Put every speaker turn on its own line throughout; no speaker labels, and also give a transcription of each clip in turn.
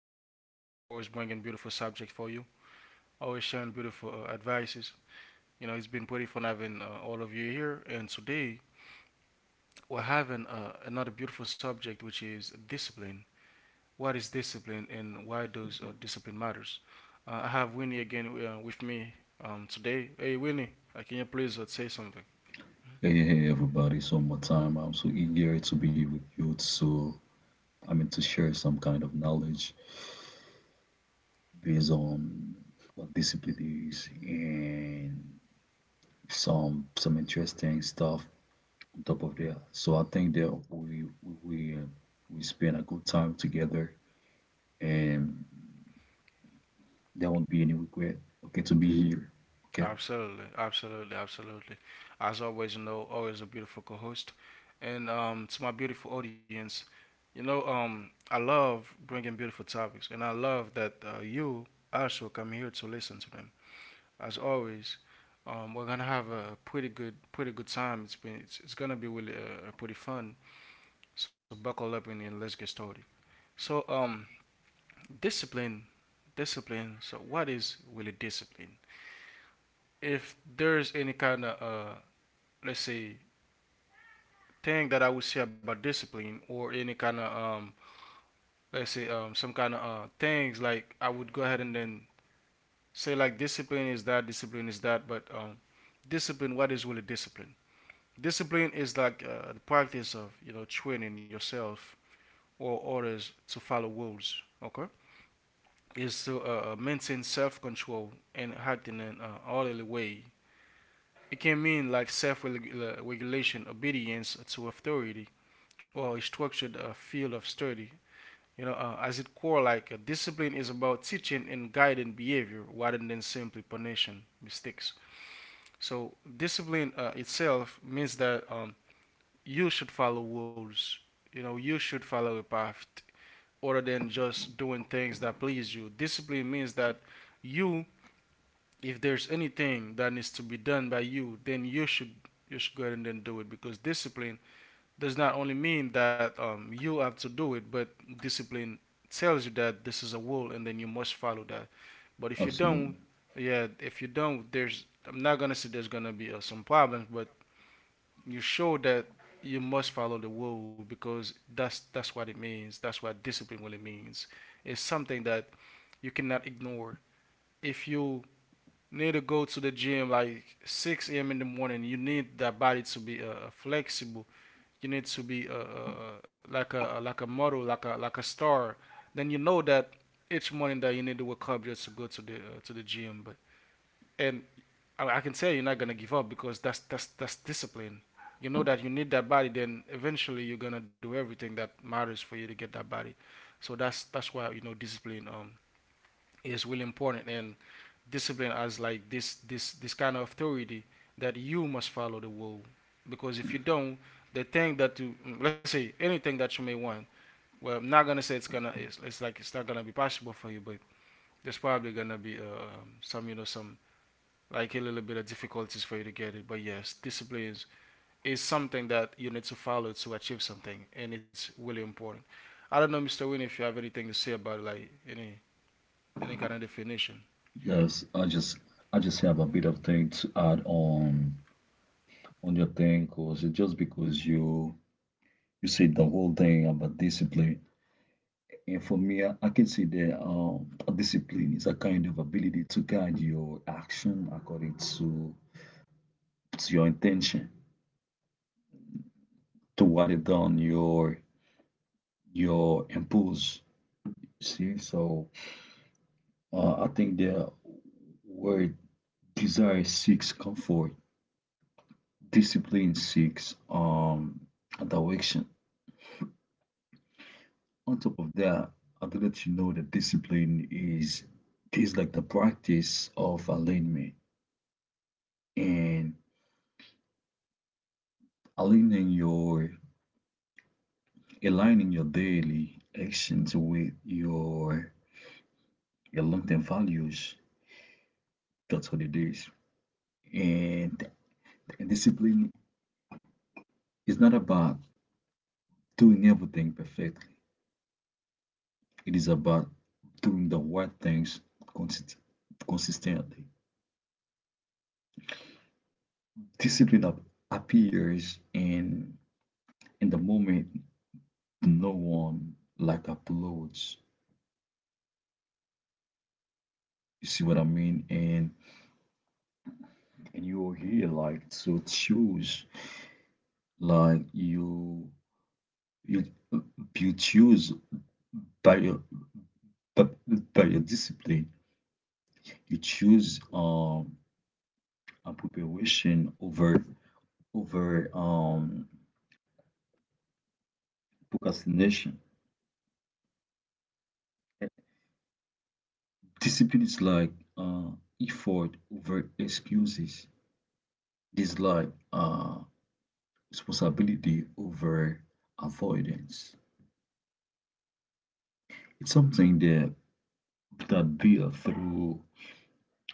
I'm always bringing beautiful subjects for you, always sharing beautiful advices. You know, it's been pretty fun having all of you here, and today we're having another beautiful subject, which is discipline. What is discipline, and why does discipline matters? I have Winnie again with me today. Hey, Winnie, can you please say something?
Hey, hey, hey, everybody, it's one more time. I'm so eager to be here with you. So, I mean, to share some kind of knowledge based on what discipline is and some interesting stuff on top of that. So, I think that we we spend a good time together and there won't be any regret, okay, to be here. Okay,
Absolutely, absolutely, absolutely. As always, you know, always a beautiful co-host, and to my beautiful audience, I love bringing beautiful topics, and I love that you also come here to listen to them. As always, we're gonna have a pretty good, pretty good time. It's gonna be really pretty fun. So buckle up and then let's get started. So, um, Discipline, discipline. So, what is really discipline? If there's any kind of let's say thing that I would say about discipline or any kind of let's say some kind of things like I would go ahead and then say like discipline is that but discipline, what is really discipline? Discipline is like the practice of, you know, training yourself or others to follow rules. Okay, is to maintain self-control and acting in an orderly way. It can mean like self-regulation, obedience to authority, well structured field of study. You know, as it core, like discipline is about teaching and guiding behavior rather than simply punishing mistakes. So discipline itself means that you should follow rules. You know, you should follow a path rather than just doing things that please you. Discipline means that you, if there's anything that needs to be done by you, then you should go ahead and then do it, because discipline does not only mean that you have to do it, but discipline tells you that this is a rule and then you must follow that. But if you don't,
absolutely.
yeah, if you don't, there's, I'm not gonna say there's gonna be some problems, but you show that you must follow the rule, because that's what it means. That's what discipline really means. It's something that you cannot ignore. If you need to go to the gym like 6 a.m. in the morning, you need that body to be flexible, you need to be like a model, like a star. Then you know that each morning that you need to wake up just to go to the gym. But and I can tell you're not gonna give up because that's discipline. You know that you need that body. Then eventually you're gonna do everything that matters for you to get that body. So that's why, you know, discipline is really important, and discipline as like this kind of authority that you must follow the rule. Because if you don't, the thing that you let's say anything that you may want, well, I'm not gonna say it's gonna it's like it's not gonna be possible for you, but there's probably gonna be some, you know, some like a little bit of difficulties for you to get it. But yes, is something that you need to follow to achieve something, and it's really important. I don't know, Mr. Winnie, if you have anything to say about like any kind of definition.
Yes, I just have a bit of thing to add on your thing because it's just because you said the whole thing about discipline. And for me, I can see that discipline is a kind of ability to guide your action according to your intention, to what it done, your impulse. See, so I think the word desire seeks comfort, discipline seeks direction. On top of that, I do let you know that discipline is like the practice of alignment and aligning your aligning your daily actions with your long-term values. That's what it is. And, and discipline is not about doing everything perfectly. It is about doing the right things consist- consistently. Discipline appears in the moment no one like uploads. You see what I mean? And you're here like to choose like you you choose by your by, by your discipline. You choose a preparation over over um procrastination. Discipline is like uh effort over excuses. This is like responsibility over avoidance. It's something that build through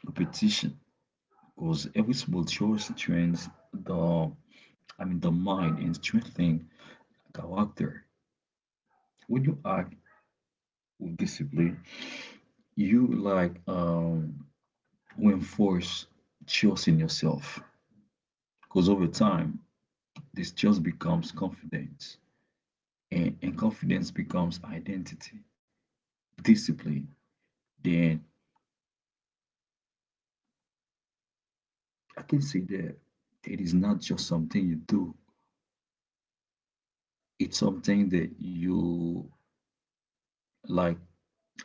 repetition, because every small choice trains the, I mean, the mind and strengthening character. When you act with discipline, you like reinforce trust in yourself, because over time, this trust becomes confidence, and confidence becomes identity, discipline. Then I can say that it is not just something you do, it's something that you like,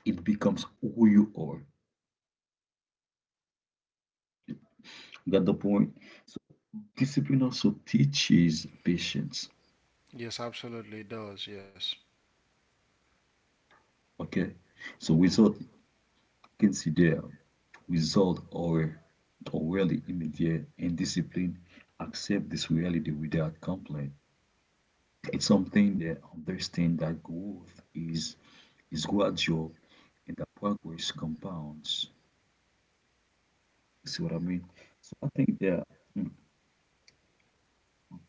it becomes who you are. Got the point? So discipline also teaches patience.
Yes, absolutely, it does. Yes.
Okay, so without consider, without our really immediate and discipline accept this reality without complaint. It's something that understand that growth is gradual and that progress compounds. You see what I mean? So I think that mm,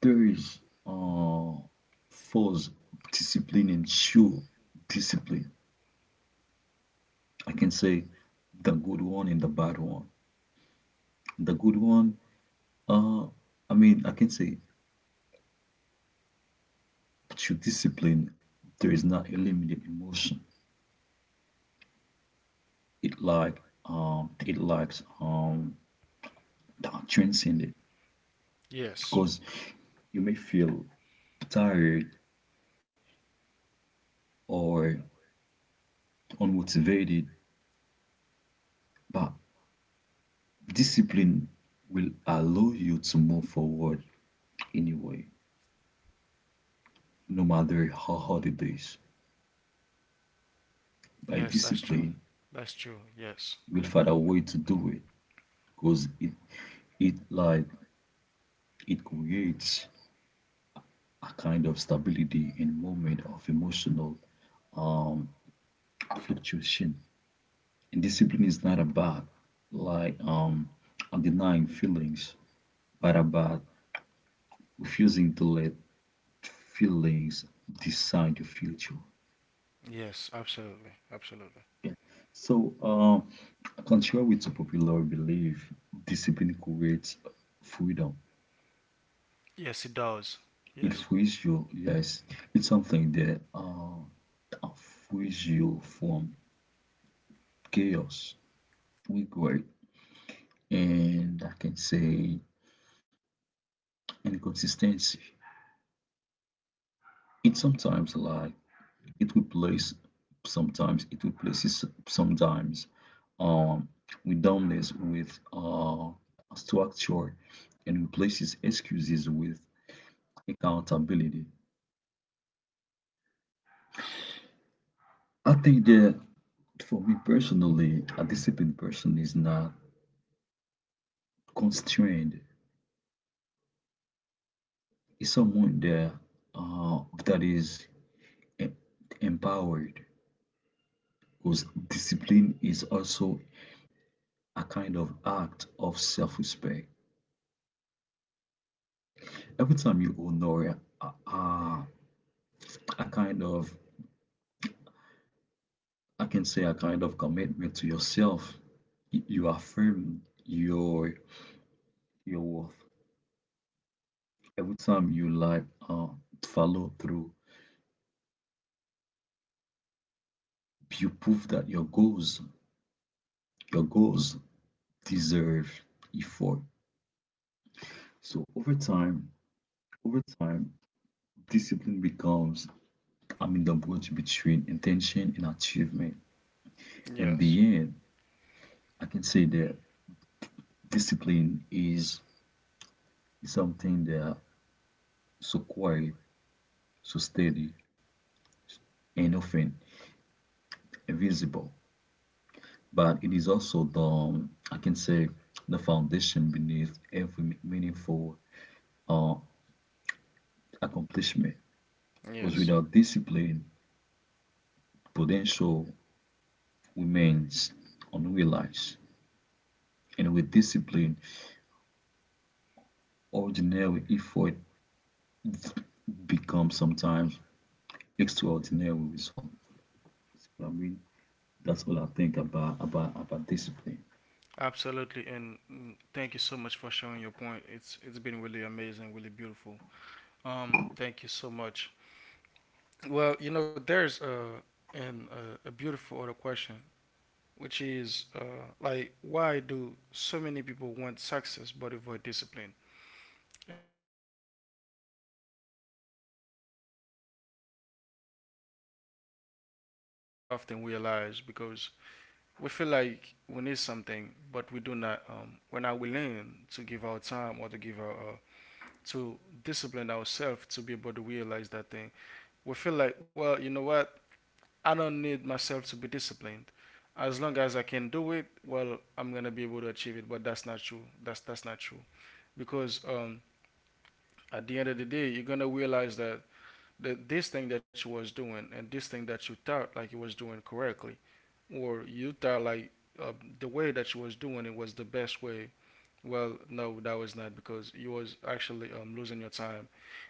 there is uh false discipline and true discipline. I can say the good one and the bad one. The good one, Uh, I mean, I can say through discipline, there is not eliminate emotion. It like it likes that transcend,
Yes.
because you may feel tired or unmotivated, but discipline will allow you to move forward anyway, no matter how hard it is. By
Yes, that's true.
discipline,
That's true. Yes.
you will find a way to do it, because it like it creates a kind of stability in moment of emotional um, fluctuation. And discipline is not about like denying feelings, but about refusing to let feelings decide your future.
Yes, absolutely. Absolutely.
So, contrary with the popular belief, discipline creates freedom.
Yes, it does.
It
Yes.
frees you, yes, it's something that frees you from chaos, regret, and I can say inconsistency. It sometimes like it will place it will places sometimes um with dumbness with structure, and replaces excuses with accountability. I think that for me personally, a disciplined person is not constrained. It's someone that is e- empowered, because discipline is also a kind of act of self-respect. Every time you honor a kind of, I can say a kind of commitment to yourself, you affirm your worth. Every time you like follow through, you prove that your goals deserve effort. So over time, discipline becomes, I mean, the bridge between intention and achievement. In
Yes.
the end, I can say that discipline is something that is so quiet, so steady, and often invisible, but it is also the, I can say, the foundation beneath every meaningful uh, accomplishment. Because
Yes.
without discipline, potential remains unrealized. And with discipline, ordinary effort becomes sometimes extraordinary result. See what I mean? That's all I think about discipline.
Absolutely. And thank you so much for sharing your point. It's been really amazing, really beautiful. Thank you so much. Well, you know, there's a an a beautiful other question, which is like, why do so many people want success but avoid discipline? And I can tell you, I'm sorry, it's not something that we often realize, because we feel like we need something, but we do not. We're not willing to give our time or to give our to discipline ourselves to be able to realize that thing. We feel like, well, you know what? I don't need myself to be disciplined. As long as I can do it, well, I'm gonna be able to achieve it. But that's not true. That's not true, because at the end of the day, you're gonna realize that this thing that you was doing and this thing that you thought like you was doing correctly, or you thought like uh, the way that you was doing it was the best way. Well, no, that was not, because you was actually losing your time.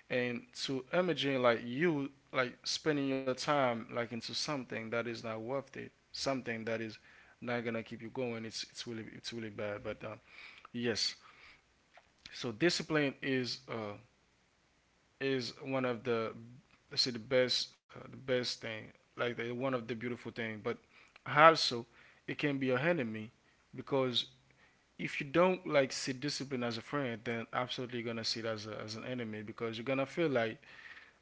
And to imagine like you like spending your time like into something that is not worth it, something that is not gonna keep you going, it's really bad. But yes, so discipline is one of the, let's say, the best thing, like the, one of the beautiful thing. But also, it can be your enemy, because if you don't like see discipline as a friend, then absolutely you're gonna see it as, a, as an enemy, because you're gonna feel like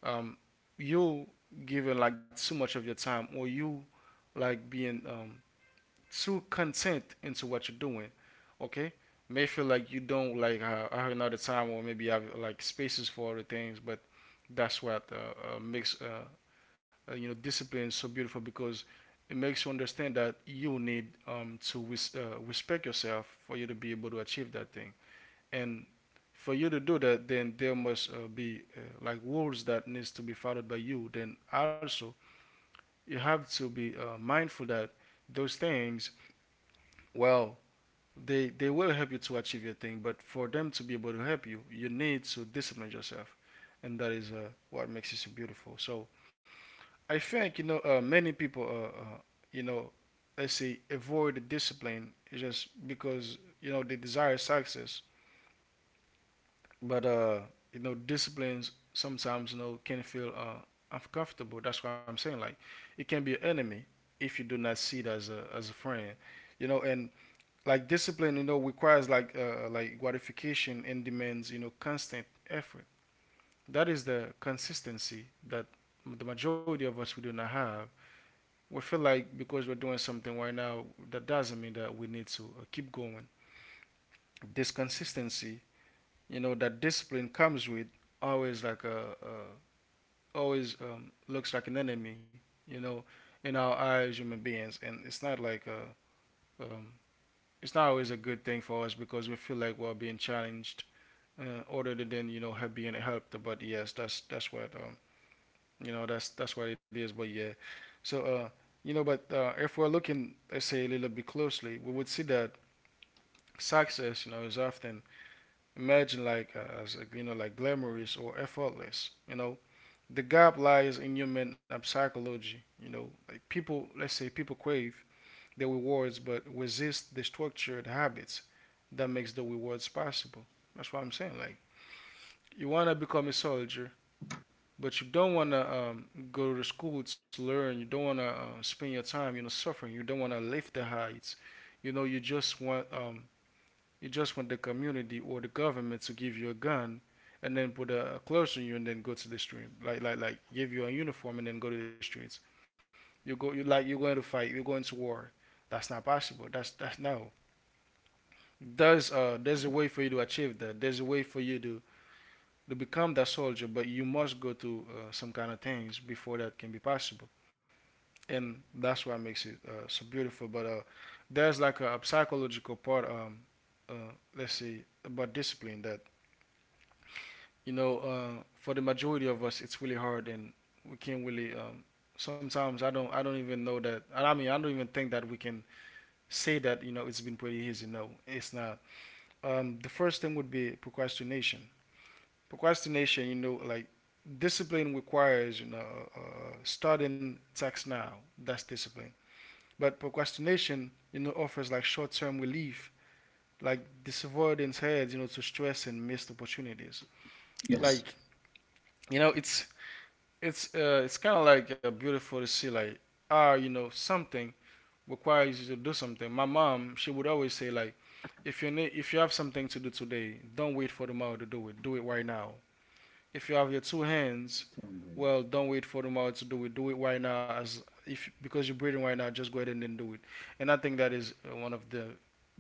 um, you giving like too much of your time, or you like being too content into what you're doing. Okay, may feel like you don't like have another time or maybe have like spaces for other things, but that's what makes you know, discipline is so beautiful, because it makes you understand that you need to respect yourself for you to be able to achieve that thing. And for you to do that, then there must be like rules that needs to be followed by you. Then also you have to be mindful that those things, well, they will help you to achieve your thing, but for them to be able to help you, you need to discipline yourself. And that is what makes it so beautiful. So I think, you know, many people you know, let's say, avoid the discipline just because, you know, they desire success, but you know, disciplines sometimes, you know, can feel uncomfortable. That's what I'm saying. Like it can be an enemy if you do not see it as a friend, you know. And like discipline, you know, requires like gratification and demands, you know, constant effort. That is the consistency that the majority of us we do not have. We feel like because we're doing something right now, that doesn't mean that we need to keep going. This consistency, you know, that discipline comes with, always like a always looks like an enemy, you know, in our eyes, human beings. And it's not like um, it's not always a good thing for us, because we feel like we're being challenged other than, you know, being helped. But yes, that's what you know, that's what it is. But yeah, so you know, but if we're looking, let's say, a little bit closely, we would see that success, you know, is often imagined like as like, you know, like glamorous or effortless. You know, the gap lies in human psychology. You know, like people, let's say, people crave the rewards but resist the structured habits that makes the rewards possible. That's what I'm saying. Like you wanna become a soldier. But you don't want to go to school to learn. You don't want to spend your time, you know, suffering. You don't want to lift the heights. You know, you just want the community or the government to give you a gun, and then put a clothes on you, and then go to the street. Like give you a uniform and then go to the streets. You go, you're going to fight. You're going to war. That's not possible. That's no. There's a way for you to achieve that. There's a way for you to become that soldier, but you must go through some kind of things before that can be possible. And that's what makes it so beautiful. But there's like a psychological part, uh, let's see, about discipline that, you know, for the majority of us, it's really hard, and we can't really. Sometimes I don't even know that. I mean, I don't even think that we can say that. You know, it's been pretty easy. No, it's not. The first thing would be procrastination. Procrastination, you know, like discipline requires, you know, starting tasks now. That's discipline. But procrastination, you know, offers like short-term relief, like disavoidance heads, you know, to stress and missed opportunities.
Yes.
Like, you know, it's kind of like beautiful to see, like you know, something requires you to do something. My mom, she would always say, like, if you need, if you have something to do today, don't wait for tomorrow to do it. Do it right now. If you have your two hands, well, don't wait for tomorrow to do it. Do it right now, as if because you're breathing right now, just go ahead and then do it. And I think that is one of the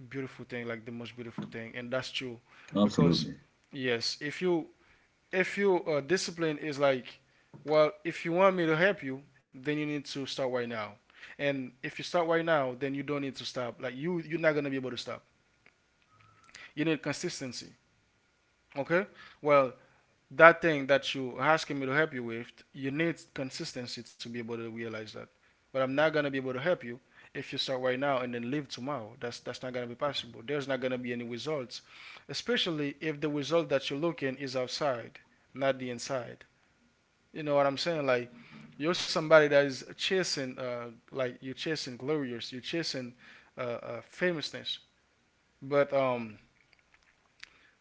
beautiful thing, like the most beautiful thing, and that's true, because
Absolutely.
yes, if you discipline is like, well, if you want me to help you, then you need to start right now. And if you start right now, then you don't need to stop. Like you, you're not gonna be able to stop. You need consistency. Okay. Well, that thing that you asking me to help you with, you need consistency to be able to realize that. But I'm not gonna be able to help you if you start right now and then leave tomorrow. That's not gonna be possible. There's not gonna be any results, especially if the result that you're looking is outside, not the inside. You know what I'm saying? Like you're somebody that is chasing, like you're chasing glorious, you're chasing famousness, but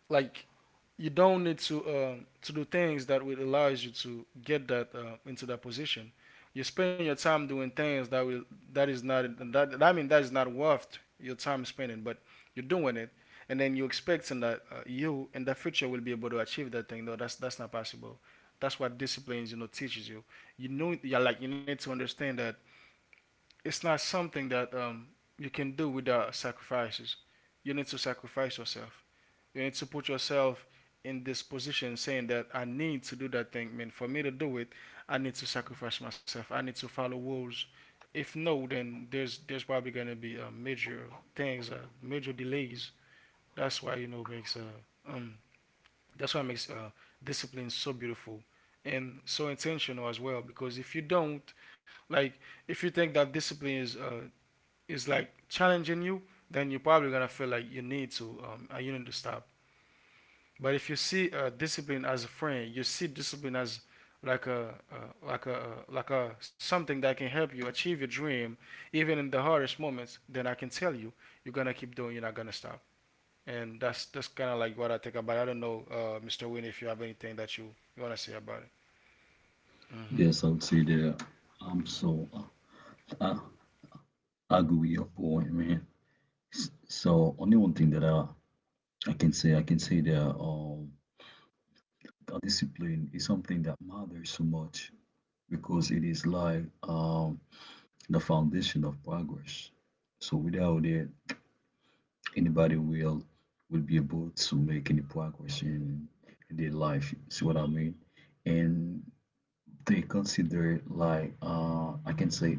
like you don't need to do things that will allow you to get that into that position. You spend your time doing things that will that is not that, I mean, that is not worth your time spending, but you're doing it, and then you're expecting that you in the future will be able to achieve that thing. No, that's not possible. That's what disciplines, you know, teaches you. You know, yeah, like you need to understand that it's not something that you can do without sacrifices. You need to sacrifice yourself, you need to put yourself in this position saying that I need to do that thing. I mean, for me to do it, I need to sacrifice myself. I need to follow rules. If no, then there's probably gonna be major things, major delays. That's why you know makes um that's why makes discipline so beautiful and so intentional as well. Because if you don't, like, if you think that discipline is like challenging you, then you're probably gonna feel like you need to stop. But if you see discipline as a friend, you see discipline as like a something that can help you achieve your dream, even in the hardest moments. Then I can tell you, you're gonna keep doing. You're not gonna stop. And that's kind of like what I think about. It. I don't know, Mr. Win, if you have anything that you wanna say about it. Mm-hmm.
Yes, I would say that I'm so, I, I agree with your point, man. So only one thing that I, I can say that discipline is something that matters so much, because it is like the foundation of progress. So without it, anybody will be able to make any progress in their life. See what I mean? And they consider like I can say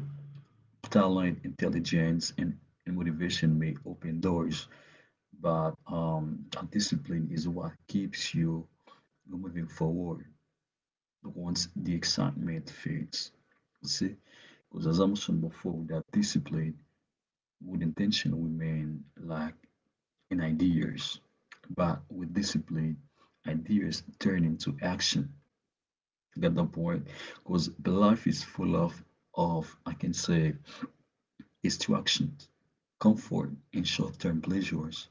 talent, intelligence, and motivation may open doors, but discipline is what keeps you moving forward once the excitement fades. You see, because as I mentioned before, that discipline with intention remain like in ideas, but with discipline, ideas turn into action. Get the point? Because the life is full of I can say distraction, comfort, and short-term pleasures,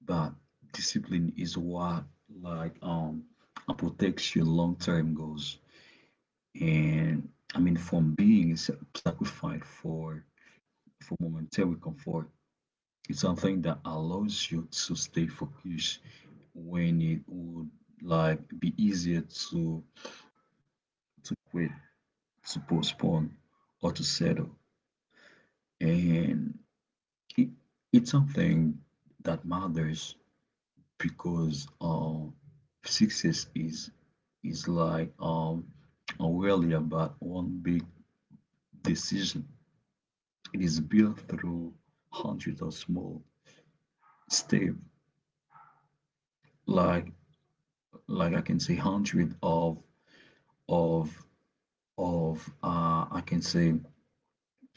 but discipline is what like protects your long-term goals and I mean from being sacrificed for momentary comfort. It's something that allows you to stay focused when it would like be easier to quit, to postpone, or to settle. And it, it's something that matters because success is like really about one big decision. It is built through hundreds of small steps, like I can say hundred of of I can say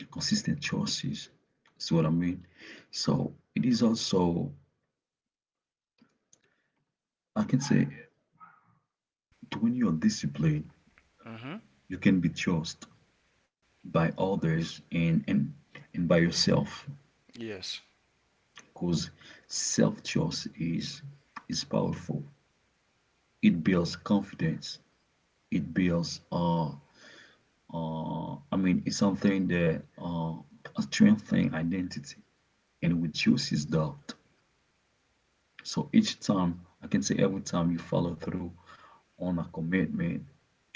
consistent choices. That's what I mean. So it is also I can say when you're disciplined,
Mm-hmm.
you can be trusted by others and by yourself,
Yes.
because self-trust is powerful. It builds confidence. It builds I mean it's something that strengthens identity and reduces doubt. So each time, I can say every time you follow through on a commitment,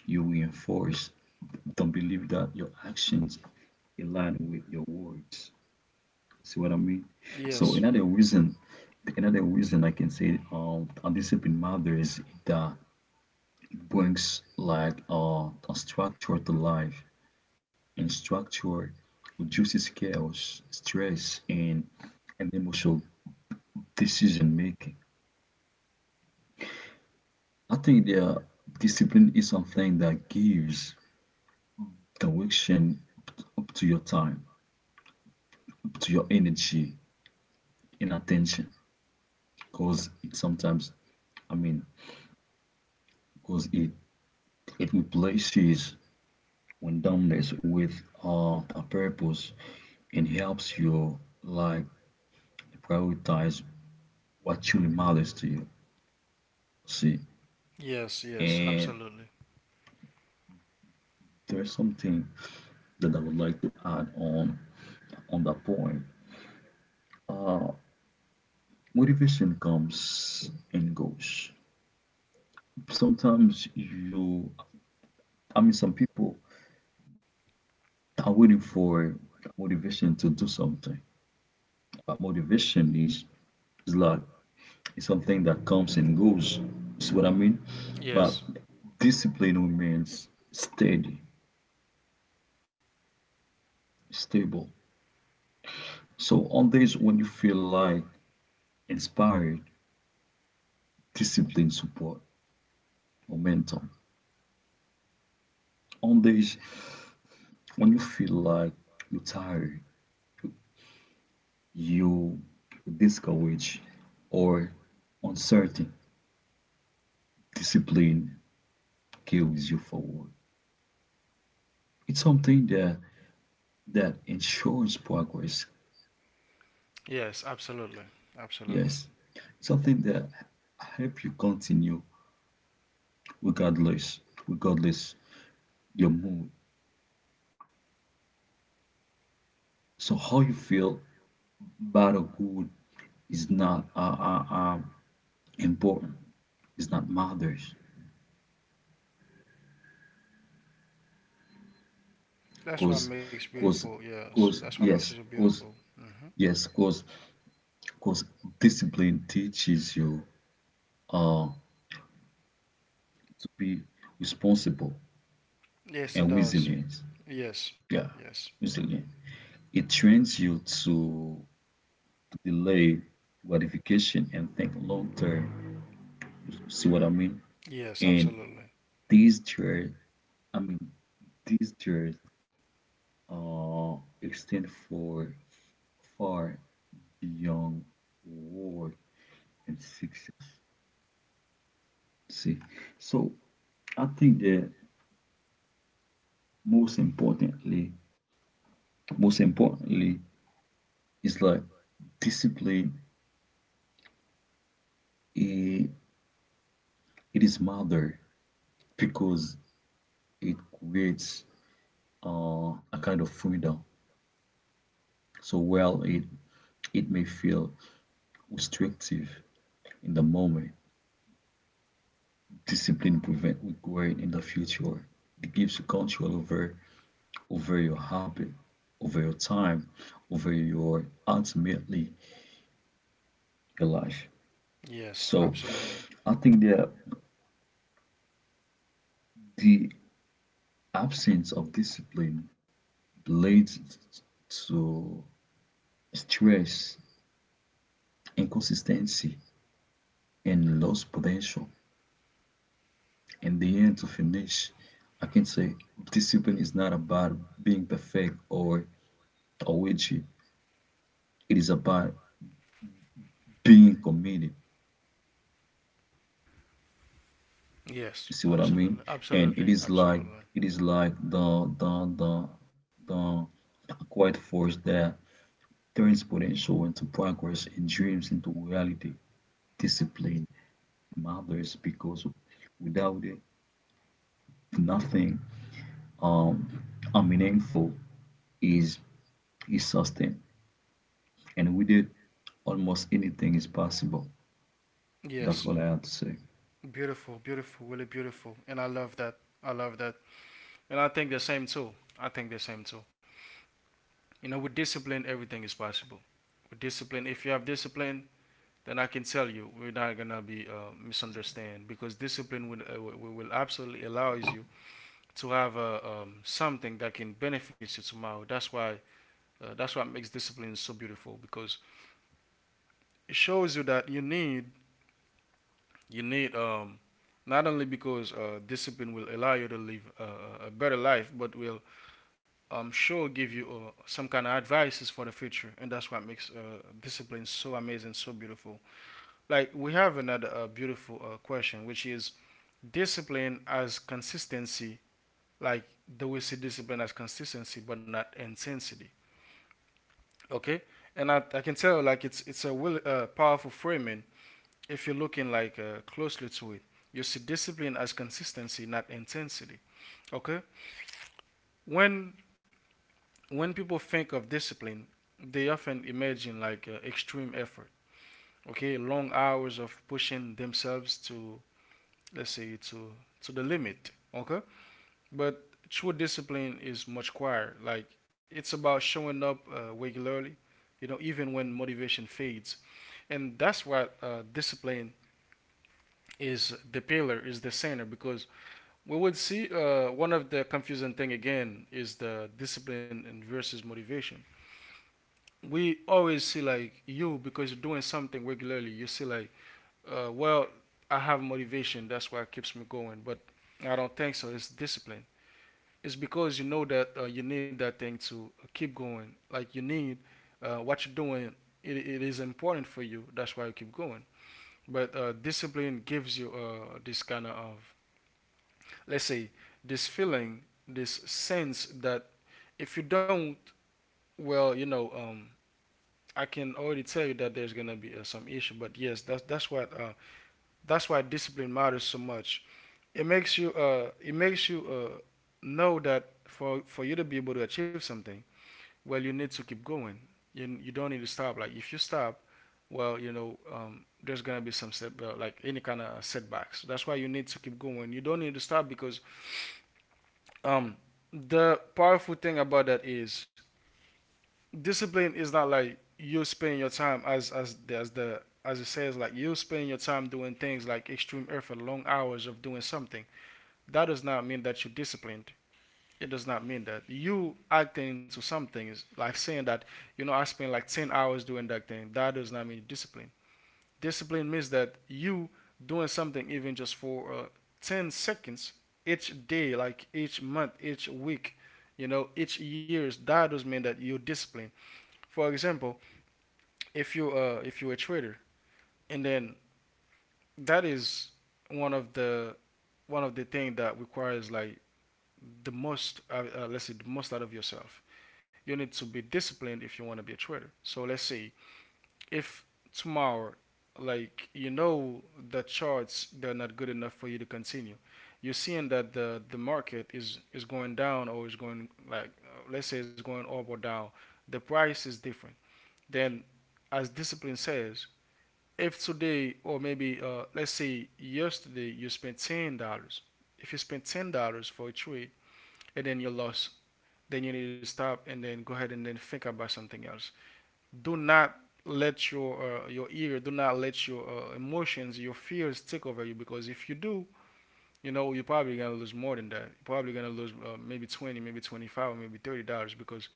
you reinforce the belief that your actions align with your words. See what I mean? So
Yes.
another reason I can say a discipline matters is that it brings like a structure to life, and structure reduces chaos, stress, and emotional decision making. I think the discipline is something that gives direction up to your time, up to your energy and attention, because it sometimes, I mean, because it replaces when done this with the purpose, it helps you like prioritize what truly matters to you. See,
Yes. Yes.
and
Absolutely.
there's something that I would like to add on that point. Uh, Motivation comes and goes. Sometimes you, I mean, some people are waiting for motivation to do something, but motivation is like it's something that comes and goes. See what I mean? But
Yes.
discipline remains steady, stable. So on days when you feel like inspired, discipline support momentum. On days when you feel like you're tired, you discouraged, or uncertain, discipline carries you forward. It's something that ensures progress.
Yes. Absolutely. Absolutely.
Yes, it's something that help you continue regardless regardless your mood, so how you feel bad or good is not important, it's not matters,
That's what
because
makes
because
beautiful. Yes.
because
That's what makes it
yes
so
because
beautiful. Mm-hmm.
yes because discipline teaches you uh to be responsible
Yes, it
and
does.
resilient,
Yes,
yeah,
yes,
resilient. It trains you to delay gratification and think long term. See what I mean?
yes,
And
absolutely.
these tra- I mean, these threats uh, extend for far beyond war and success. See, so I think that most importantly, most importantly, is like discipline. It, it is mother, because it creates a kind of freedom. So while it may feel restrictive in the moment, discipline prevent regret in the future. It gives you control over your habit, over your time, over your ultimately your life.
Yes,
So
absolutely.
I think that the absence of discipline leads to stress, inconsistency, and lost potential. In the end, to finish, I can say discipline is not about being perfect or rigid. It is about being committed.
Yes,
You see what I mean?
absolutely,
And
absolutely, absolutely.
it is like the quiet force that turns potential into progress and dreams into reality. Discipline matters because without it, nothing um meaningful is is sustained. And with it, almost anything is possible. That's
Yes,
all I have to say.
beautiful, beautiful, really beautiful. And I love that. I love that. And I think the same too. I think the same too. You know, with discipline, everything is possible. With discipline, if you have discipline, then I can tell you we're not gonna be misunderstand because discipline will, will absolutely allows you to have something that can benefit you tomorrow. That's why. That's what makes discipline so beautiful because it shows you that you need you need um, not only because discipline will allow you to live a better life, but will, I'm sure, give you some kind of advices for the future, and that's what makes discipline so amazing, so beautiful. Like we have another beautiful question, which is discipline as consistency. Like, do we see discipline as consistency, but not intensity? Okay. And I can tell, like, it's it's a powerful framing if you're looking like closely to it. You see discipline as consistency, not intensity. Okay. when when people think of discipline, they often imagine like extreme effort. Okay, long hours of pushing themselves to, let's say, to the limit, okay? But true discipline is much quieter. Like, it's about showing up regularly, you know, even when motivation fades. And that's what discipline is, the pillar, is the center. Because we would see one of the confusing thing again is the discipline and versus motivation. We always see, like, you because you're doing something regularly, you see like, well, I have motivation, that's what keeps me going, but I don't think so. It's discipline. It's because you know that you need that thing to keep going. Like you need what you're doing, it is important for you, that's why you keep going. But discipline gives you this kind of, let's say, this feeling, this sense that if you don't, well, you know, I can already tell you that there's gonna be some issue. But yes, that's why discipline matters so much. It makes you know that for you to be able to achieve something, well, you need to keep going. You don't need to stop. Like if you stop, well, you know, there's gonna be some set like any kind of setbacks. That's why you need to keep going. You don't need to stop because, um, the powerful thing about that is discipline is not like you spend your time as the, as the as it says, like you spend your time doing things like extreme effort, long hours of doing something. That does not mean that you're disciplined. It does not mean that you acting into something, is like saying that, you know, I spent like 10 hours doing that thing. That does not mean discipline. Discipline means that you doing something even just for 10 seconds each day, like each month, each week, you know, each years, that does mean that you're disciplined. For example, if you if you're a trader, and then that is one of the things that requires like the most let's say the most out of yourself. You need to be disciplined if you want to be a trader. So let's say if tomorrow, like, you know, the charts, they're not good enough for you to continue, you're seeing that the market is going down or is going like, let's say it's going up or down, the price is different. Then, as discipline says, if today, or maybe, let's say yesterday you spent $10, if you spent $10 for a trade, and then you lost, then you need to stop and then go ahead and then think about something else. Do not let your do not let your emotions, your fears take over you, because if you do, you know you're probably gonna lose more than that. You're probably gonna lose maybe 20, maybe 25, maybe $30 because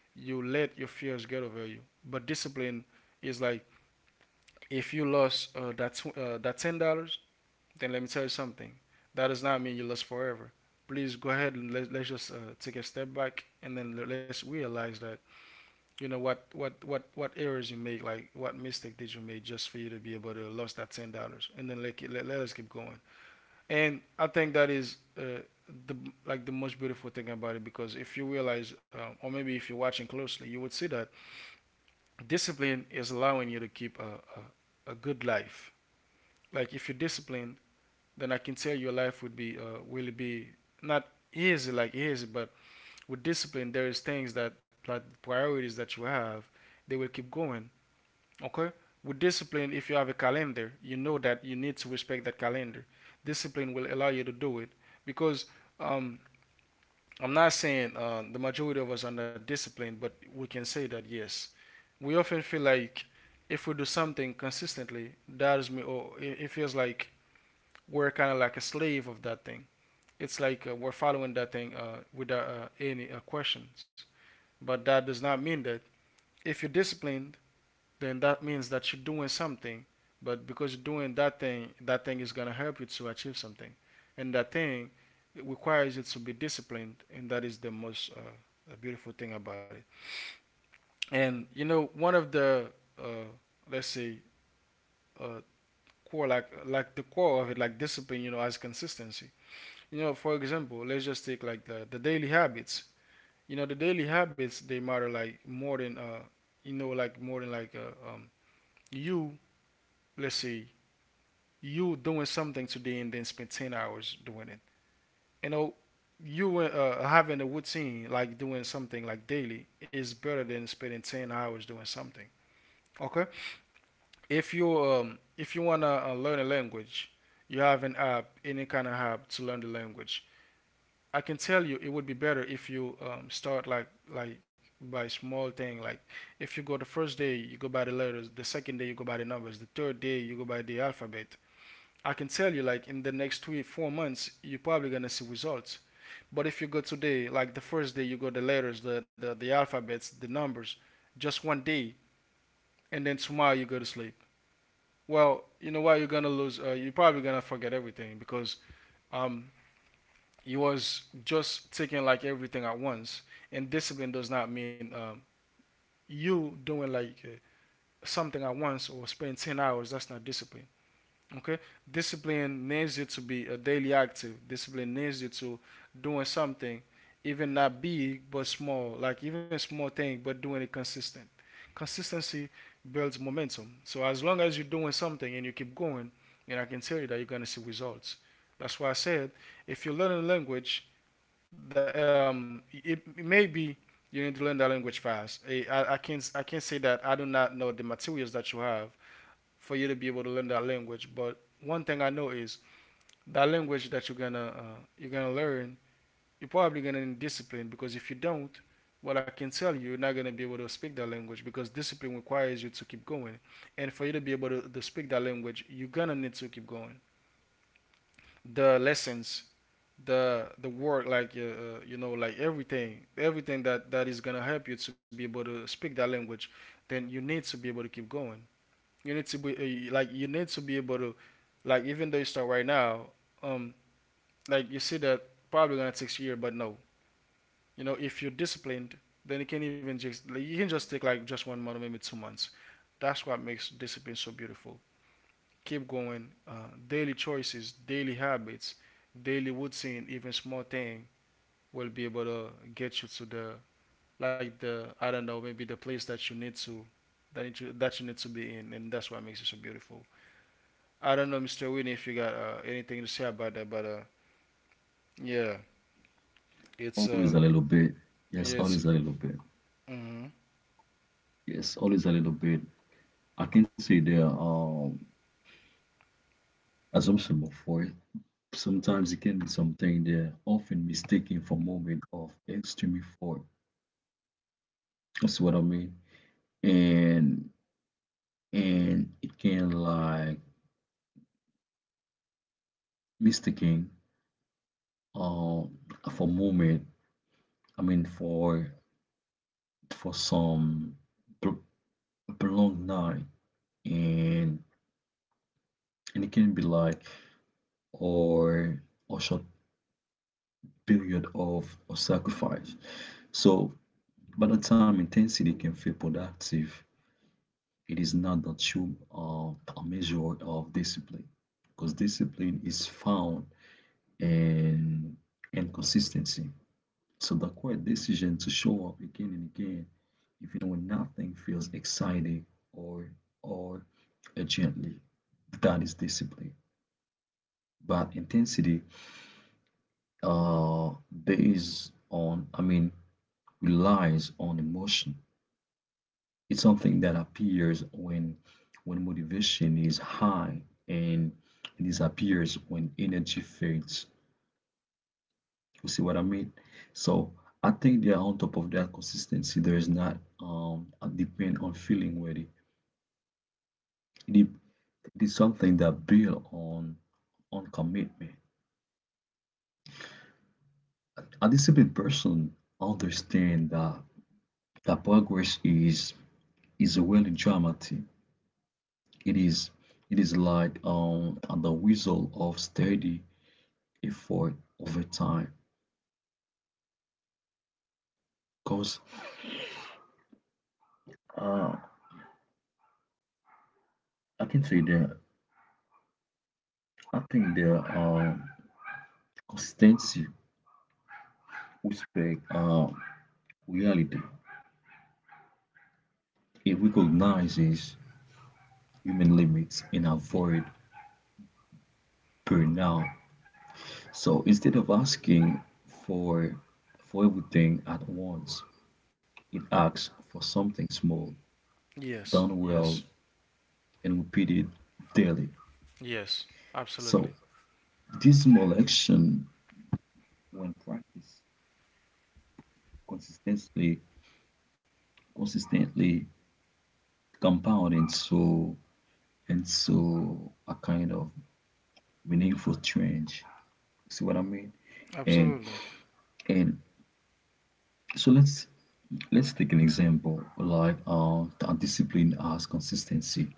you let your fears get over you. But discipline is like, if you lost that $10, then let me tell you something. That does not mean you lost forever. Please go ahead and let's just take a step back and then let's realize that, you know, what errors you make, like what mistake did you make just for you to be able to lose that $10? And then, like, let us keep going. And I think that is the like the most beautiful thing about it, because if you realize, or maybe if you're watching closely, you would see that discipline is allowing you to keep a good life. Like, if you're disciplined, then I can tell your life would be will be not easy, like easy, but with discipline there is things that, like, priorities that you have, they will keep going. Okay. With discipline, if you have a calendar, you know that you need to respect that calendar. Discipline will allow you to do it, because um, I'm not saying the majority of us are not disciplined, but we can say that, yes, we often feel like if we do something consistently, that is me, or it feels like we're kind of like a slave of that thing. It's like we're following that thing without any questions. But that does not mean that if you're disciplined, then that means that you're doing something. But because you're doing that thing is gonna help you to achieve something, and that thing, it requires you to be disciplined, and that is the most beautiful thing about it. And, you know, one of the uh, let's say uh, core, like the core of it, like discipline, you know, as consistency. You know, for example, let's just take like the daily habits. You know, the daily habits, they matter, like, more than you know, like more than, like, you let's say you doing something today and then spend 10 hours doing it, you know. You, having a routine, like doing something, like, daily, is better than spending 10 hours doing something. Okay, if you want to learn a language, you have an app, any kind of app to learn the language, I can tell you it would be better if you start like by small thing, like, if you go the first day, you go by the letters; the second day, you go by the numbers; the third day, you go by the alphabet. I can tell you, like, in the next 3, 4 months, you're probably gonna see results. But if you go today, like, the first day you go the letters, the alphabets, the numbers, just one day, and then tomorrow you go to sleep. Well, you know what? You're gonna lose. You're probably gonna forget everything, because um, you was just taking like everything at once. And discipline does not mean you doing, like, something at once or spend 10 hours. That's not discipline. Okay, discipline needs you to be a daily active. Discipline needs you to doing something, even not big but small, like, even small thing, but doing it consistent. Consistency builds momentum. So as long as you're doing something and you keep going, and I can tell you that you're gonna see results. That's why I said, if you learn a language, it may be you need to learn that language fast. I can not say that I do not know the materials that you have for you to be able to learn that language. But one thing I know is that language that you're gonna learn, you're probably gonna need discipline, because if you don't, well, I can tell you, you're not gonna be able to speak that language, because discipline requires you to keep going, and for you to be able to speak that language, you're gonna need to keep going. The lessons, the work, like, you know, like everything that is gonna help you to be able to speak that language, then you need to be able to keep going. You need to be like, you need to be able to, like, even though you start right now, um like, you see that probably gonna take a year, but no, you know, if you're disciplined, then you can even just, like, you can just take like just one month, maybe 2 months. That's what makes discipline so beautiful. Keep going, daily choices, daily habits, daily routine, even small thing, will be able to get you to the like the I don't know, maybe the place that you need to, that you need to be in, and that's what makes it so beautiful. I don't know, Mr. Winnie, if you got anything to say about that, but yeah, it's
Always
uh,
a little bit. Yes,
yeah, it's
always a little bit.
mm.
Yes, always a little bit. I can say there. Assumption of foil. Sometimes it can be something there, often mistaken for moment of extreme foil. That's what I mean. And and it can like mistaken um for moment, I mean for some pro- prolonged night, and and it can be like or or short period of sacrifice. So by the time intensity can feel productive, it is not the tool of a measure of discipline, because discipline is found in inconsistency. So the core decision to show up again and again, even when nothing feels exciting or or urgently, that is discipline. But intensity uh, based on, I mean, relies on emotion. It's something that appears when motivation is high and it disappears when energy fades. You see what I mean? So I think that on top of that consistency, there is not a depend on feeling ready. It, is- it is something that build on commitment. A disciplined person understand that progress is really dramatic. It is it is like the result of steady effort over time. Because uh, I can say that I think there are consistency respect reality. It recognizes human limits and avoid burnout. So instead of asking for for everything at once, it asks for something small,
Yes,
done well,
yes,
and repeated daily.
yes, absolutely,
So this small action, when practiced consistently, consistently, compound into a kind of meaningful change. See what I mean? And
absolutely,
and so let's take an example like the discipline as consistency.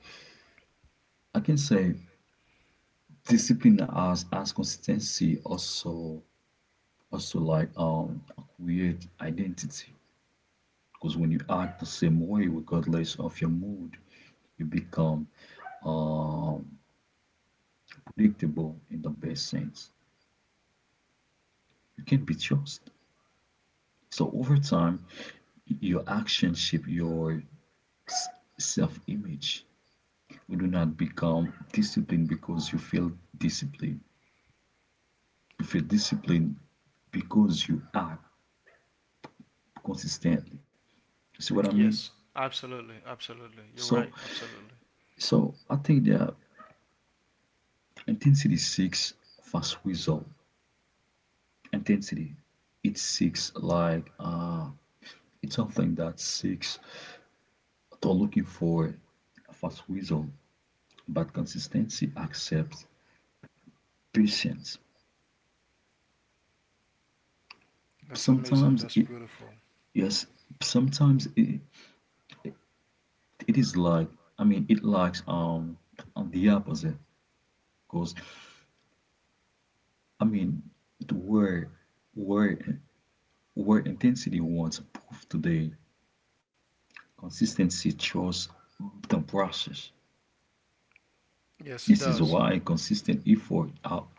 I can say discipline as consistency also like create identity because when you act the same way regardless of your mood, you become um predictable in the best sense. You can be trusted. So over time, your actions shape your s- self-image. You do not become disciplined because you feel disciplined. You feel disciplined because you act consistently. See what I
yes,
mean?
absolutely, absolutely. You're right,
So,
absolutely.
so I think that intensity seeks fast result. Intensity, it seeks like it's something that seeks to looking for a fast result, but consistency accepts patience.
That's amazing.
Sometimes
That's
it
beautiful.
yes sometimes it it, It is like, I mean, it likes on the opposite. Because, I mean, the word where intensity wants proof today, consistency trust the process.
Yes, it
This is
does.
why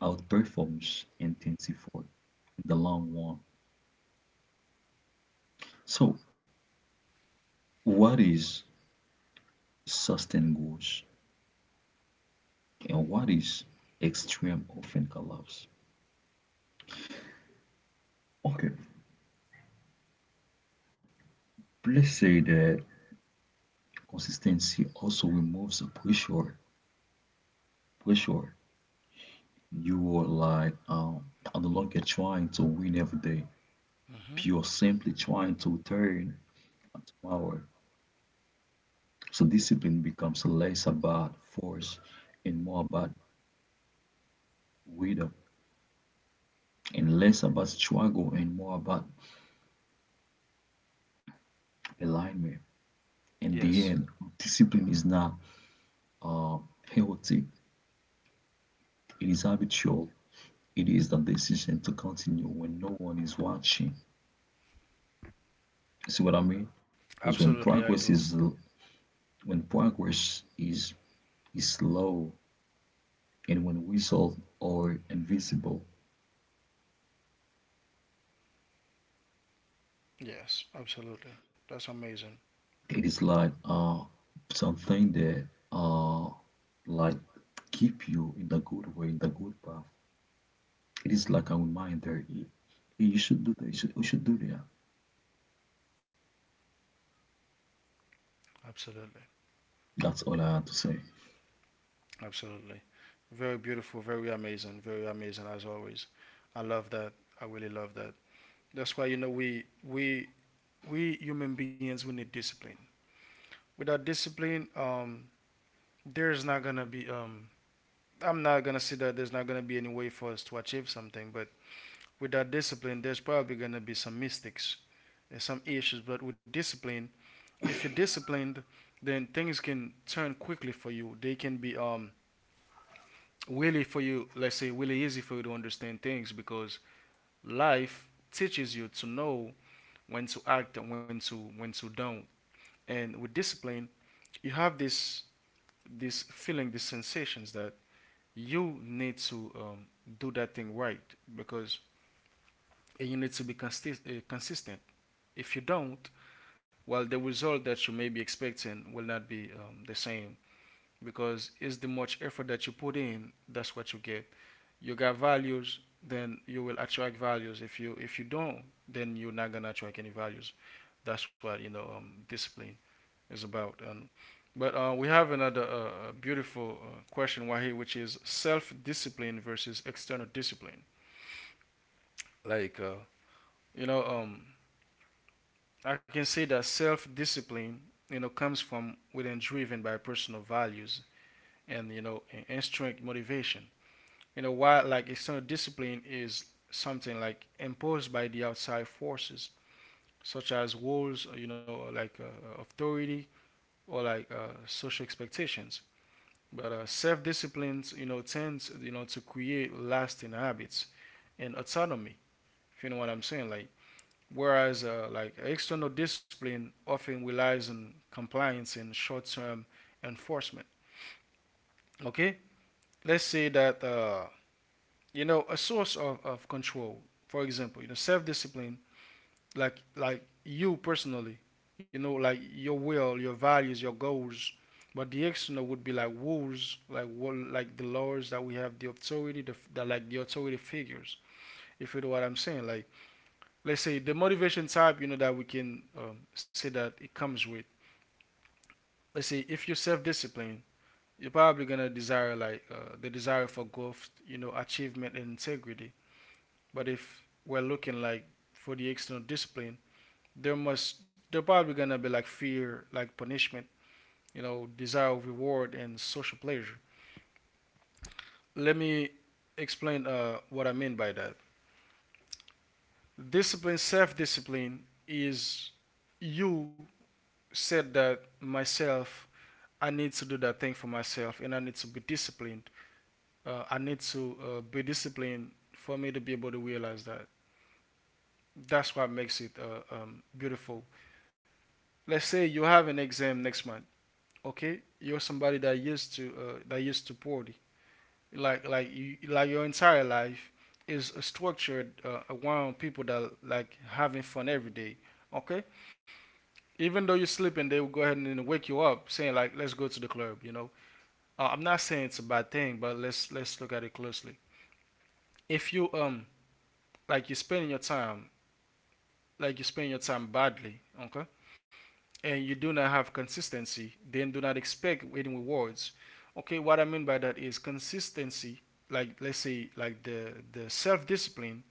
outperforms intense effort in the long run. So what is sustained growth and what is extreme often collapse. Okay. Please say that consistency also removes pressure. You are like no longer trying to win every day.
Hmm.
You're simply trying to turn tomorrow. So discipline becomes less about force and more about rhythm, and less about struggle and more about alignment. In
Yes,
the end, discipline is not uh, healthy. It is habitual. It is the decision to continue when no one is watching. You see what I mean? Because when
absolutely, I do.
progress is when progress is is slow and when results are invisible,
Yes, absolutely. That's amazing.
it is like something that uh like keep you in the good way, in the good path. It is like a reminder. You should do that, you should do that.
Absolutely,
That's all I had to say.
absolutely. Very beautiful, very amazing as always. I love that. I really love that. That's why, you know, we human beings, we need discipline. Without discipline, there's not gonna be, I'm not gonna say that there's not gonna be any way for us to achieve something, but without discipline, there's probably gonna be some mistakes and some issues. But with discipline, if you're disciplined, then things can turn quickly for you. They can be really for you, let's say, really easy for you to understand things, because life teaches you to know when to act and when to don't. And with discipline, you have this feeling, these sensations, that you need to do that thing right, because you need to be consistent. If you don't, well, the result that you may be expecting will not be the same, because it's the much effort that you put in, that's what you get. You got values, then you will attract values. If you don't, then you're not gonna attract any values. That's what, you know, discipline is about. And but we have another beautiful question right here, which is self-discipline versus external discipline. Like, you know, I can say that self-discipline, you know, comes from within, driven by personal values and, you know, intrinsic motivation. You know, while, like, external discipline is something like imposed by the outside forces, such as rules, you know, like, authority, or like, social expectations. But self-discipline, you know, tends, you know, to create lasting habits and autonomy. If you know what I'm saying, like, whereas, like, external discipline often relies on compliance and short-term enforcement. Okay, let's say that, you know, a source of control. For example, you know, self-discipline, like you personally, you know, like, your will, your values, your goals. But the external would be like rules, like the laws that we have, the authority, like the authority figures, if you know what I'm saying. Like, let's say the motivation type, you know, that we can, say that it comes with, let's say, if you're self-disciplined, you're probably gonna desire, like, the desire for growth, you know, achievement and integrity. But if we're looking, like, for the external discipline, there must they're probably gonna be like fear, like punishment, you know, desire of reward and social pleasure. Let me explain what I mean by that. Discipline, self-discipline, is you said that myself, I need to do that thing for myself, and I need to be disciplined. I need to, be disciplined for me to be able to realize that. That's what makes it beautiful. Let's say you have an exam next month. Okay, you're somebody that used to party, like you, like, your entire life is structured around people that like having fun every day. Okay, even though you're sleeping, they will go ahead and wake you up, saying like, let's go to the club, you know. I'm not saying it's a bad thing, but let's look at it closely. If you like you're spending your time like you spending your time badly, okay, and you do not have consistency, then do not expect any rewards. Okay, what I mean by that is consistency, like, let's say, like, the self-discipline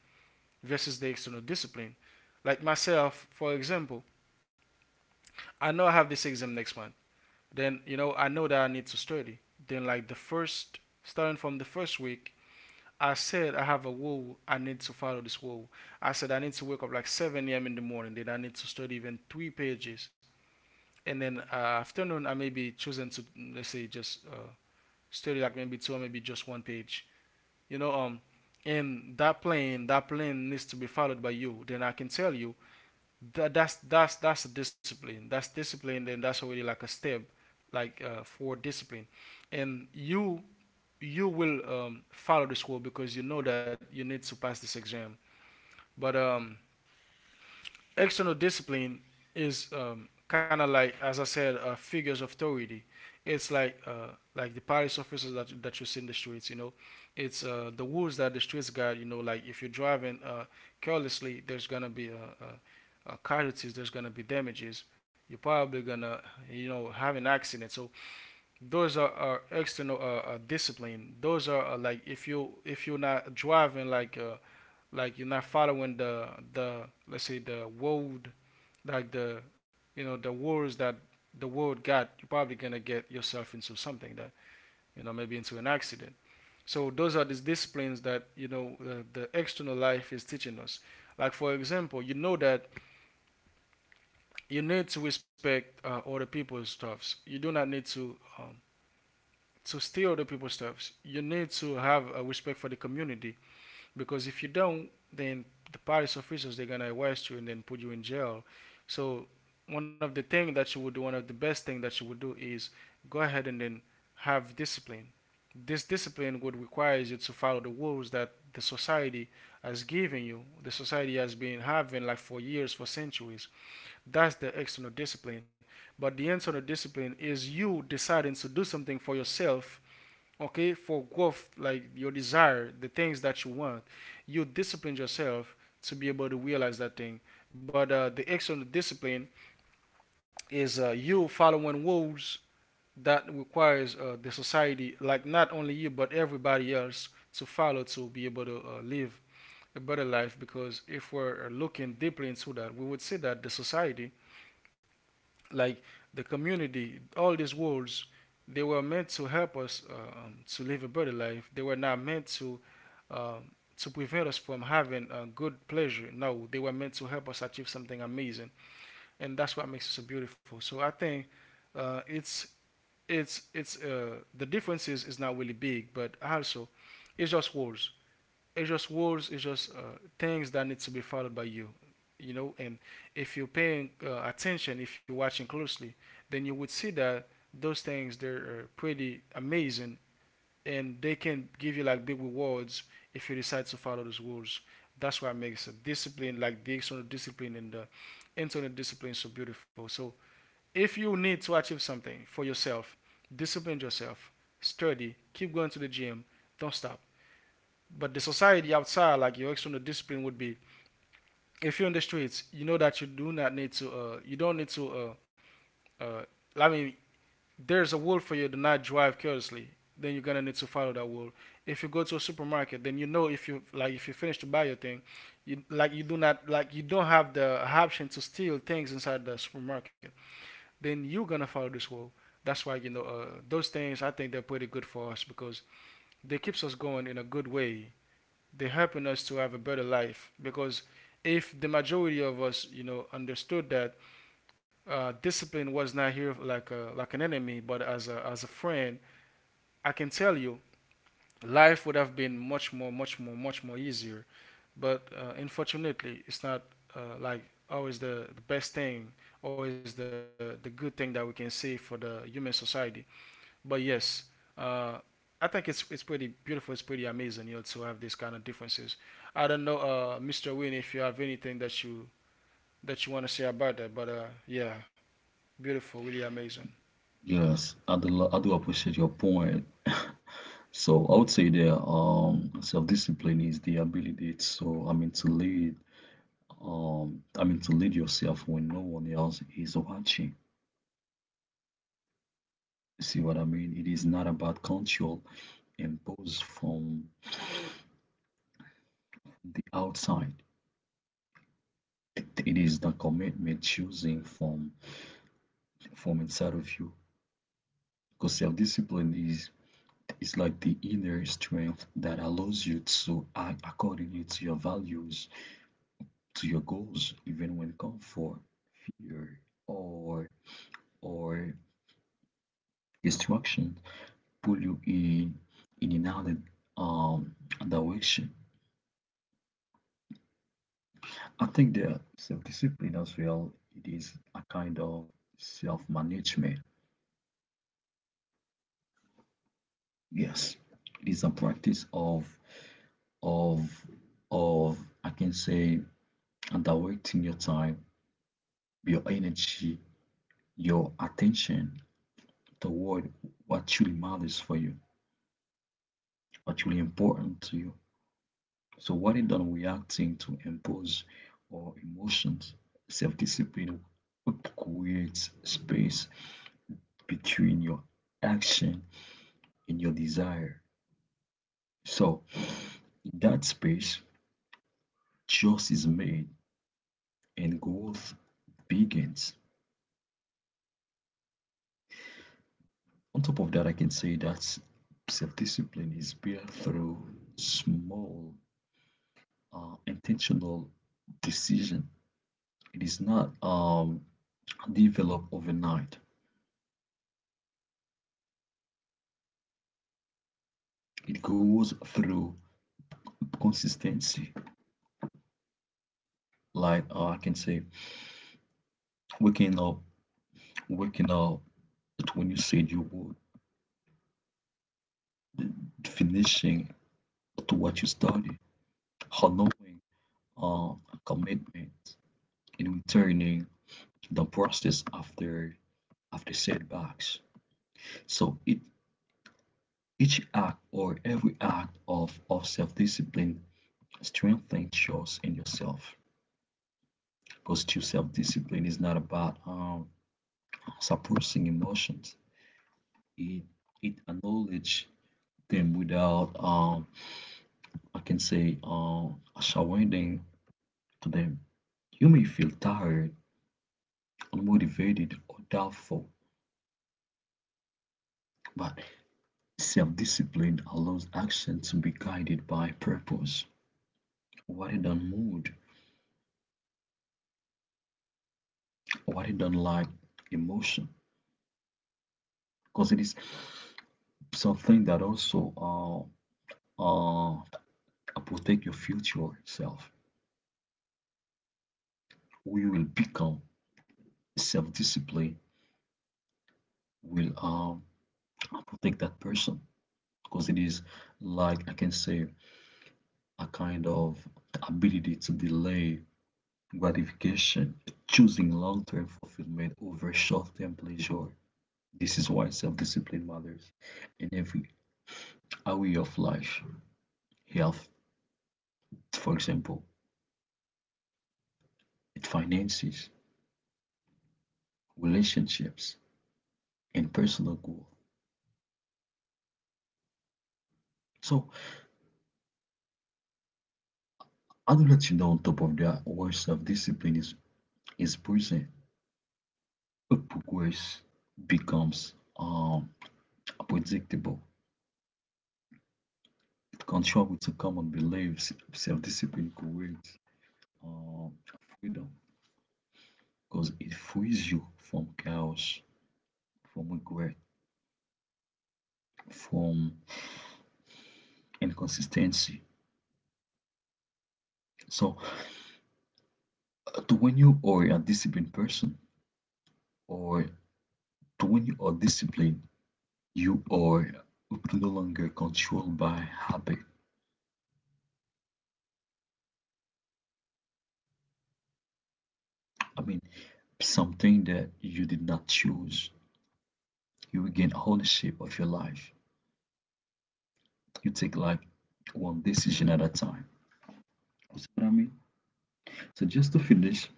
versus the external discipline. Like myself, for example, I know I have this exam next month. Then, you know, I know that I need to study. Then, like, the first starting from the first week, I said I have a rule. I need to follow this rule. I said I need to wake up like 7 a.m. in the morning. Then I need to study even three pages. And then, afternoon, I may be choosing to, let's say, just study like maybe two or maybe just one page. You know, and that plan needs to be followed by you. Then I can tell you that that's a discipline. That's discipline. Then that's already like a step, like, for discipline, and you will, follow this rule, because you know that you need to pass this exam. But external discipline is, kind of like, as I said, figures of authority. It's like, like, the police officers that you see in the streets. You know, it's the rules that the streets got. You know, like, if you're driving carelessly, there's gonna be casualties. There's gonna be damages. You're probably gonna, you know, have an accident. So those are external discipline. Those are, like if you're not driving like you're not following the, let's say, the world, like the you know, the wars that the world got. You're probably gonna get yourself into something that, you know, maybe into an accident. So those are these disciplines that, you know, the external life is teaching us. Like, for example, you know that you need to respect other people's stuffs. You do not need to steal other people's stuffs. You need to have a respect for the community, because if you don't, then the Paris officials, they're gonna arrest you and then put you in jail. So one of the thing that you would do, one of the best thing that you would do is go ahead and then have discipline. This discipline would require you to follow the rules that the society has given you, the society has been having like for years, for centuries. That's the external discipline. But the internal discipline is you deciding to do something for yourself, okay, for growth, like your desire, the things that you want. You discipline yourself to be able to realize that thing. But the external discipline is you following rules that requires the society, like not only you but everybody else, to follow to be able to live a better life. Because if we're looking deeply into that, we would see that the society, like the community, all these words, they were meant to help us to live a better life. They were not meant um, to prevent us from having a good pleasure. No, they were meant to help us achieve something amazing, and that's what makes it so beautiful. So I think uh, it's it's the differences is not really big, but also it's just words. It's just words. It's just things that need to be followed by you, you know. And if you're paying attention, if you're watching closely, then you would see that those things, they're pretty amazing, and they can give you like big rewards if you decide to follow those rules. That's what makes a discipline, like the external discipline and the internal discipline, so beautiful. So if you need to achieve something for yourself, discipline yourself, study, keep going to the gym, don't stop. But the society outside, like your external discipline, would be if you're in the streets, you know that you do not need to. You don't need to. Uh, I mean, there's a rule for you to not drive carelessly. Then you're gonna need to follow that rule. If you go to a supermarket, then you know if you like if you finish to buy your thing, you like you do not like you don't have the option to steal things inside the supermarket. Then you're gonna follow this rule. That's why, you know, those things, I think they're pretty good for us, because they keeps us going in a good way. They're helping us to have a better life, because if the majority of us, you know, understood that discipline was not here like a, like an enemy, but as a friend, I can tell you life would have been much more, much more, easier. But unfortunately, it's not like always the best thing, always the good thing that we can see for the human society. But yes, uh, I think it's pretty beautiful. It's pretty amazing, you know, to have these kind of differences. I don't know, Mr. Win, if you have anything that you want to say about that, but yeah, beautiful, really amazing.
Yes, I do, I do appreciate your point. So I would say that self-discipline is the ability to, I mean, to lead, to lead yourself when no one else is watching. You see what I mean? It is not about control imposed from the outside. It is the commitment choosing from inside of you. Because self-discipline is like the inner strength that allows you to act accordingly to your values, to your goals, even when comfort, fear, or or distraction pull you in another um direction. I think that self-discipline as well, it is a kind of self-management. Yes, it is a practice of, of of, I can say, directing your time, your energy, your attention toward what truly matters for you, what truly important to you. So what rather done reacting to impose or emotions, self-discipline creates space between your action and your desire. So in that space, choice is made and growth begins. On top of that, I can say that self-discipline is built through small, intentional decision. It is not developed overnight. It goes through consistency. Like I can say, waking up, waking up when you said you would, finishing to what you study, honoring uh, commitment, and returning the process after setbacks. So it, each act or every act of self-discipline strengthens trust in yourself. Because true self-discipline is not about suppressing emotions. It it acknowledges them without, I can say, surrendering to them. You may feel tired, unmotivated, or doubtful, but self discipline allows action to be guided by purpose rather than mood, rather than like emotion. Because it is something that also uh, uh, protect your future self. We will become self discipline, will protect that person because it is, like I can say, a kind of ability to delay gratification, choosing long term fulfillment over short term pleasure. This is why self discipline matters in every area of life: health, for example, in finances, relationships, and personal growth. So, I will let you know on top of that where is present, it progress becomes predictable. It contributes to common beliefs. Self discipline creates um, freedom, because it frees you from chaos, from regret, from inconsistency. So, to when you are a disciplined person, or to when you are disciplined, you are no longer controlled by habit. I mean, something that you did not choose. You regain ownership of your life. You take like one decision at a time. You see what I mean? So just to finish,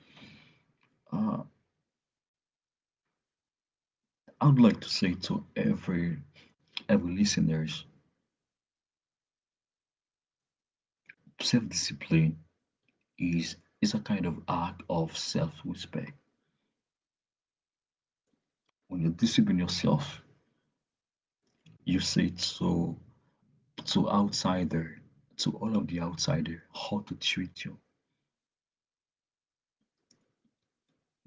uh, I would like to say to every Evolutionary, self-discipline is is a kind of act of self-respect. When you discipline yourself, you say to outsider, to all of the outsider, how to treat you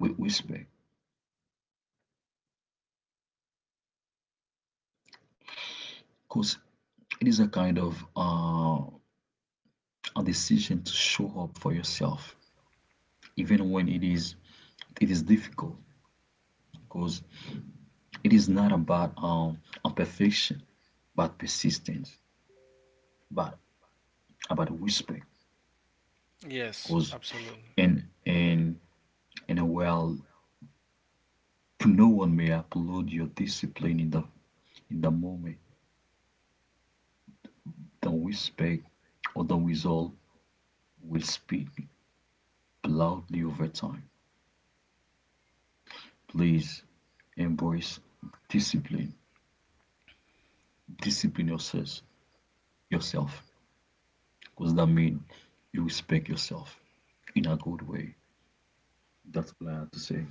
with respect, because it is a kind of a decision to show up for yourself, even when it is difficult, because it is not about perfection, but persistence, but about respect.
Yes,
Because
absolutely,
in in in a well, no one may applaud your discipline in the moment. The respect or the result will speak loudly over time. Please embrace discipline. Discipline yourself yourself. Because that means you respect yourself in a good way. That's what I have to say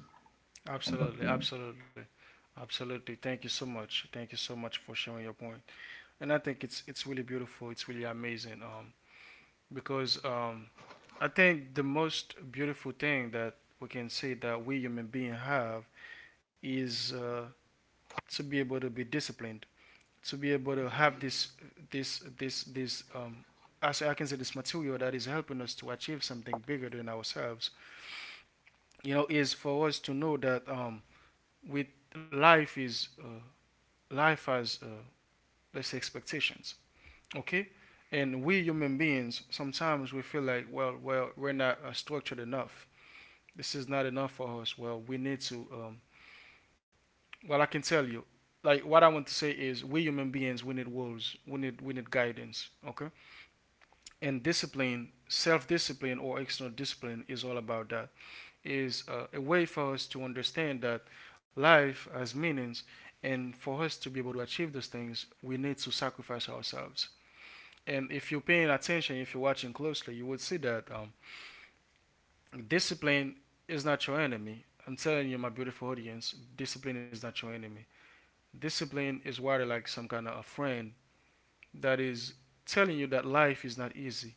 on that
absolutely,
point.
absolutely, absolutely. Thank you so much. Thank you so much for sharing your point. And I think it's really beautiful. It's really amazing. Because I think the most beautiful thing that we can say that we human beings have is to be able to be disciplined, to be able to have this as I can say, this material that is helping us to achieve something bigger than ourselves. You know, is for us to know that with life is life has let's say expectations, okay. And we human beings sometimes we feel like well we're not structured enough. This is not enough for us. Well, we need to well, I can tell you, like what I want to say is, we human beings we need rules, we need guidance, okay? And discipline, self-discipline or external discipline is all about that. Is a way for us to understand that life has meanings, and for us to be able to achieve those things, we need to sacrifice ourselves. And if you're paying attention, if you're watching closely, you would see that discipline is not your enemy. I'm telling you, my beautiful audience, discipline is not your enemy. Discipline is rather like some kind of a friend that is telling you that life is not easy.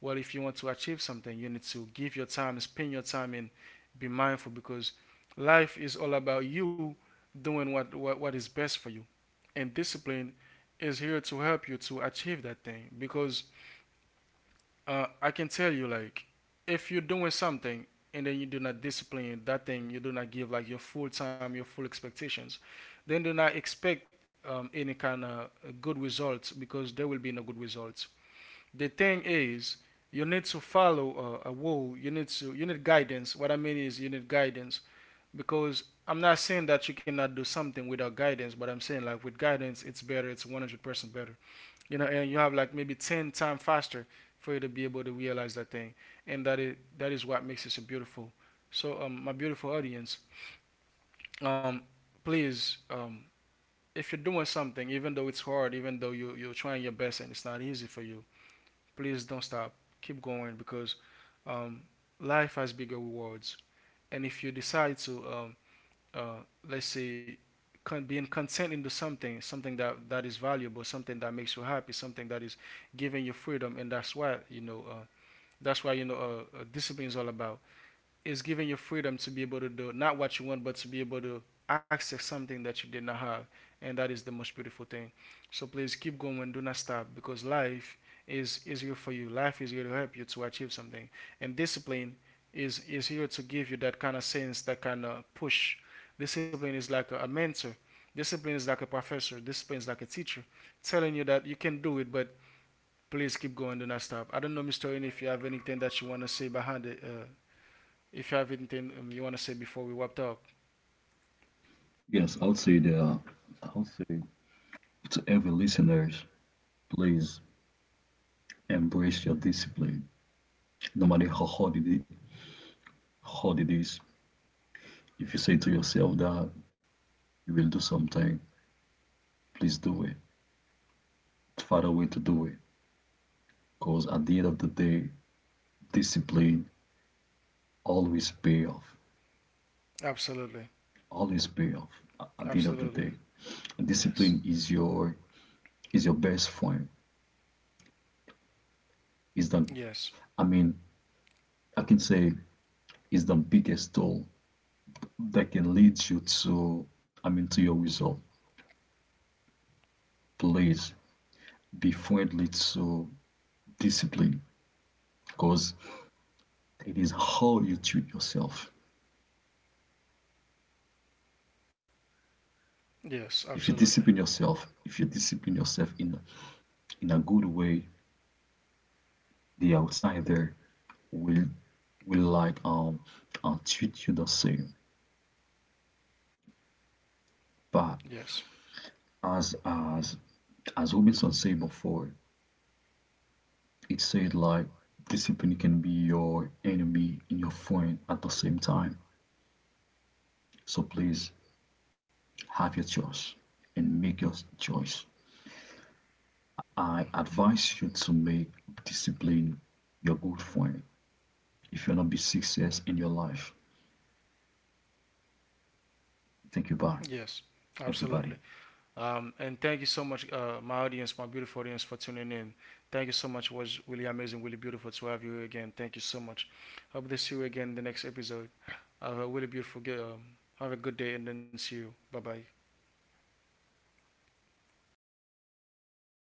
Well, if you want to achieve something, you need to give your time, spend your time, and be mindful, because life is all about you doing what is best for you. And discipline is here to help you to achieve that thing, because I can tell you, like, if you're doing something and then you do not discipline that thing, you do not give like your full time, your full expectations, then do not expect any kind of good results, because there will be no good results. The thing is, you need to follow a rule. You need to you need guidance. What I mean is you need guidance, because I'm not saying that you cannot do something without guidance, but I'm saying like with guidance, it's better. It's 100% better, you know, and you have like maybe 10 times faster for you to be able to realize that thing. And that is what makes it so beautiful. So my beautiful audience, um please, if you're doing something, even though it's hard, even though you're trying your best and it's not easy for you, please don't stop, keep going, because um life has bigger rewards. And if you decide to uh, let's say, con- being content into something, something that that is valuable, something that makes you happy, something that is giving you freedom. And that's why, you know, that's why you know, discipline is all about, is giving you freedom to be able to do not what you want, but to be able to access something that you did not have, and that is the most beautiful thing. So please keep going, do not stop, because life is here for you. Life is here to help you to achieve something, and discipline is here to give you that kind of sense, that kind of push. Discipline is like a mentor. Discipline is like a professor. Discipline is like a teacher, telling you that you can do it, but please keep going, do not stop. I don't know, Mr. Owen, if you have anything that you want to say behind it, if you have anything you want to say before we wrapped up.
Yes, I would
Mhm.
say that I would say to every listeners, please embrace your discipline no matter how hard it is, hard it is. If you say to yourself that you will do something, please do it. Find a way to do it. Because at the end of the day, discipline always pay off.
Absolutely,
Always pay off at the end of the
absolutely.
day.
Yes.
Discipline is your best friend. Is the,
Yes,
I mean, I can say, is the biggest tool that can lead you to, I mean, to your result. Please be friendly to discipline, because it is how you treat yourself.
yes, absolutely.
If you discipline yourself in a good way, the outsider will like treat you the same. But
Yes,
as as Robinson said before, it said like discipline can be your enemy and your friend at the same time. So please have your choice and make your choice. I
Mm,
advise you to make discipline your good friend. It should not be 6 years in your life. Thank you. Bye,
yes, absolutely.
everybody.
And thank you so much, my audience, my beautiful audience, for tuning in. Thank you so much. It was really amazing, really beautiful to have you here again. Thank you so much. Hope to see you again in the next episode. Have a really beautiful, have a good day, and then see you. Bye bye.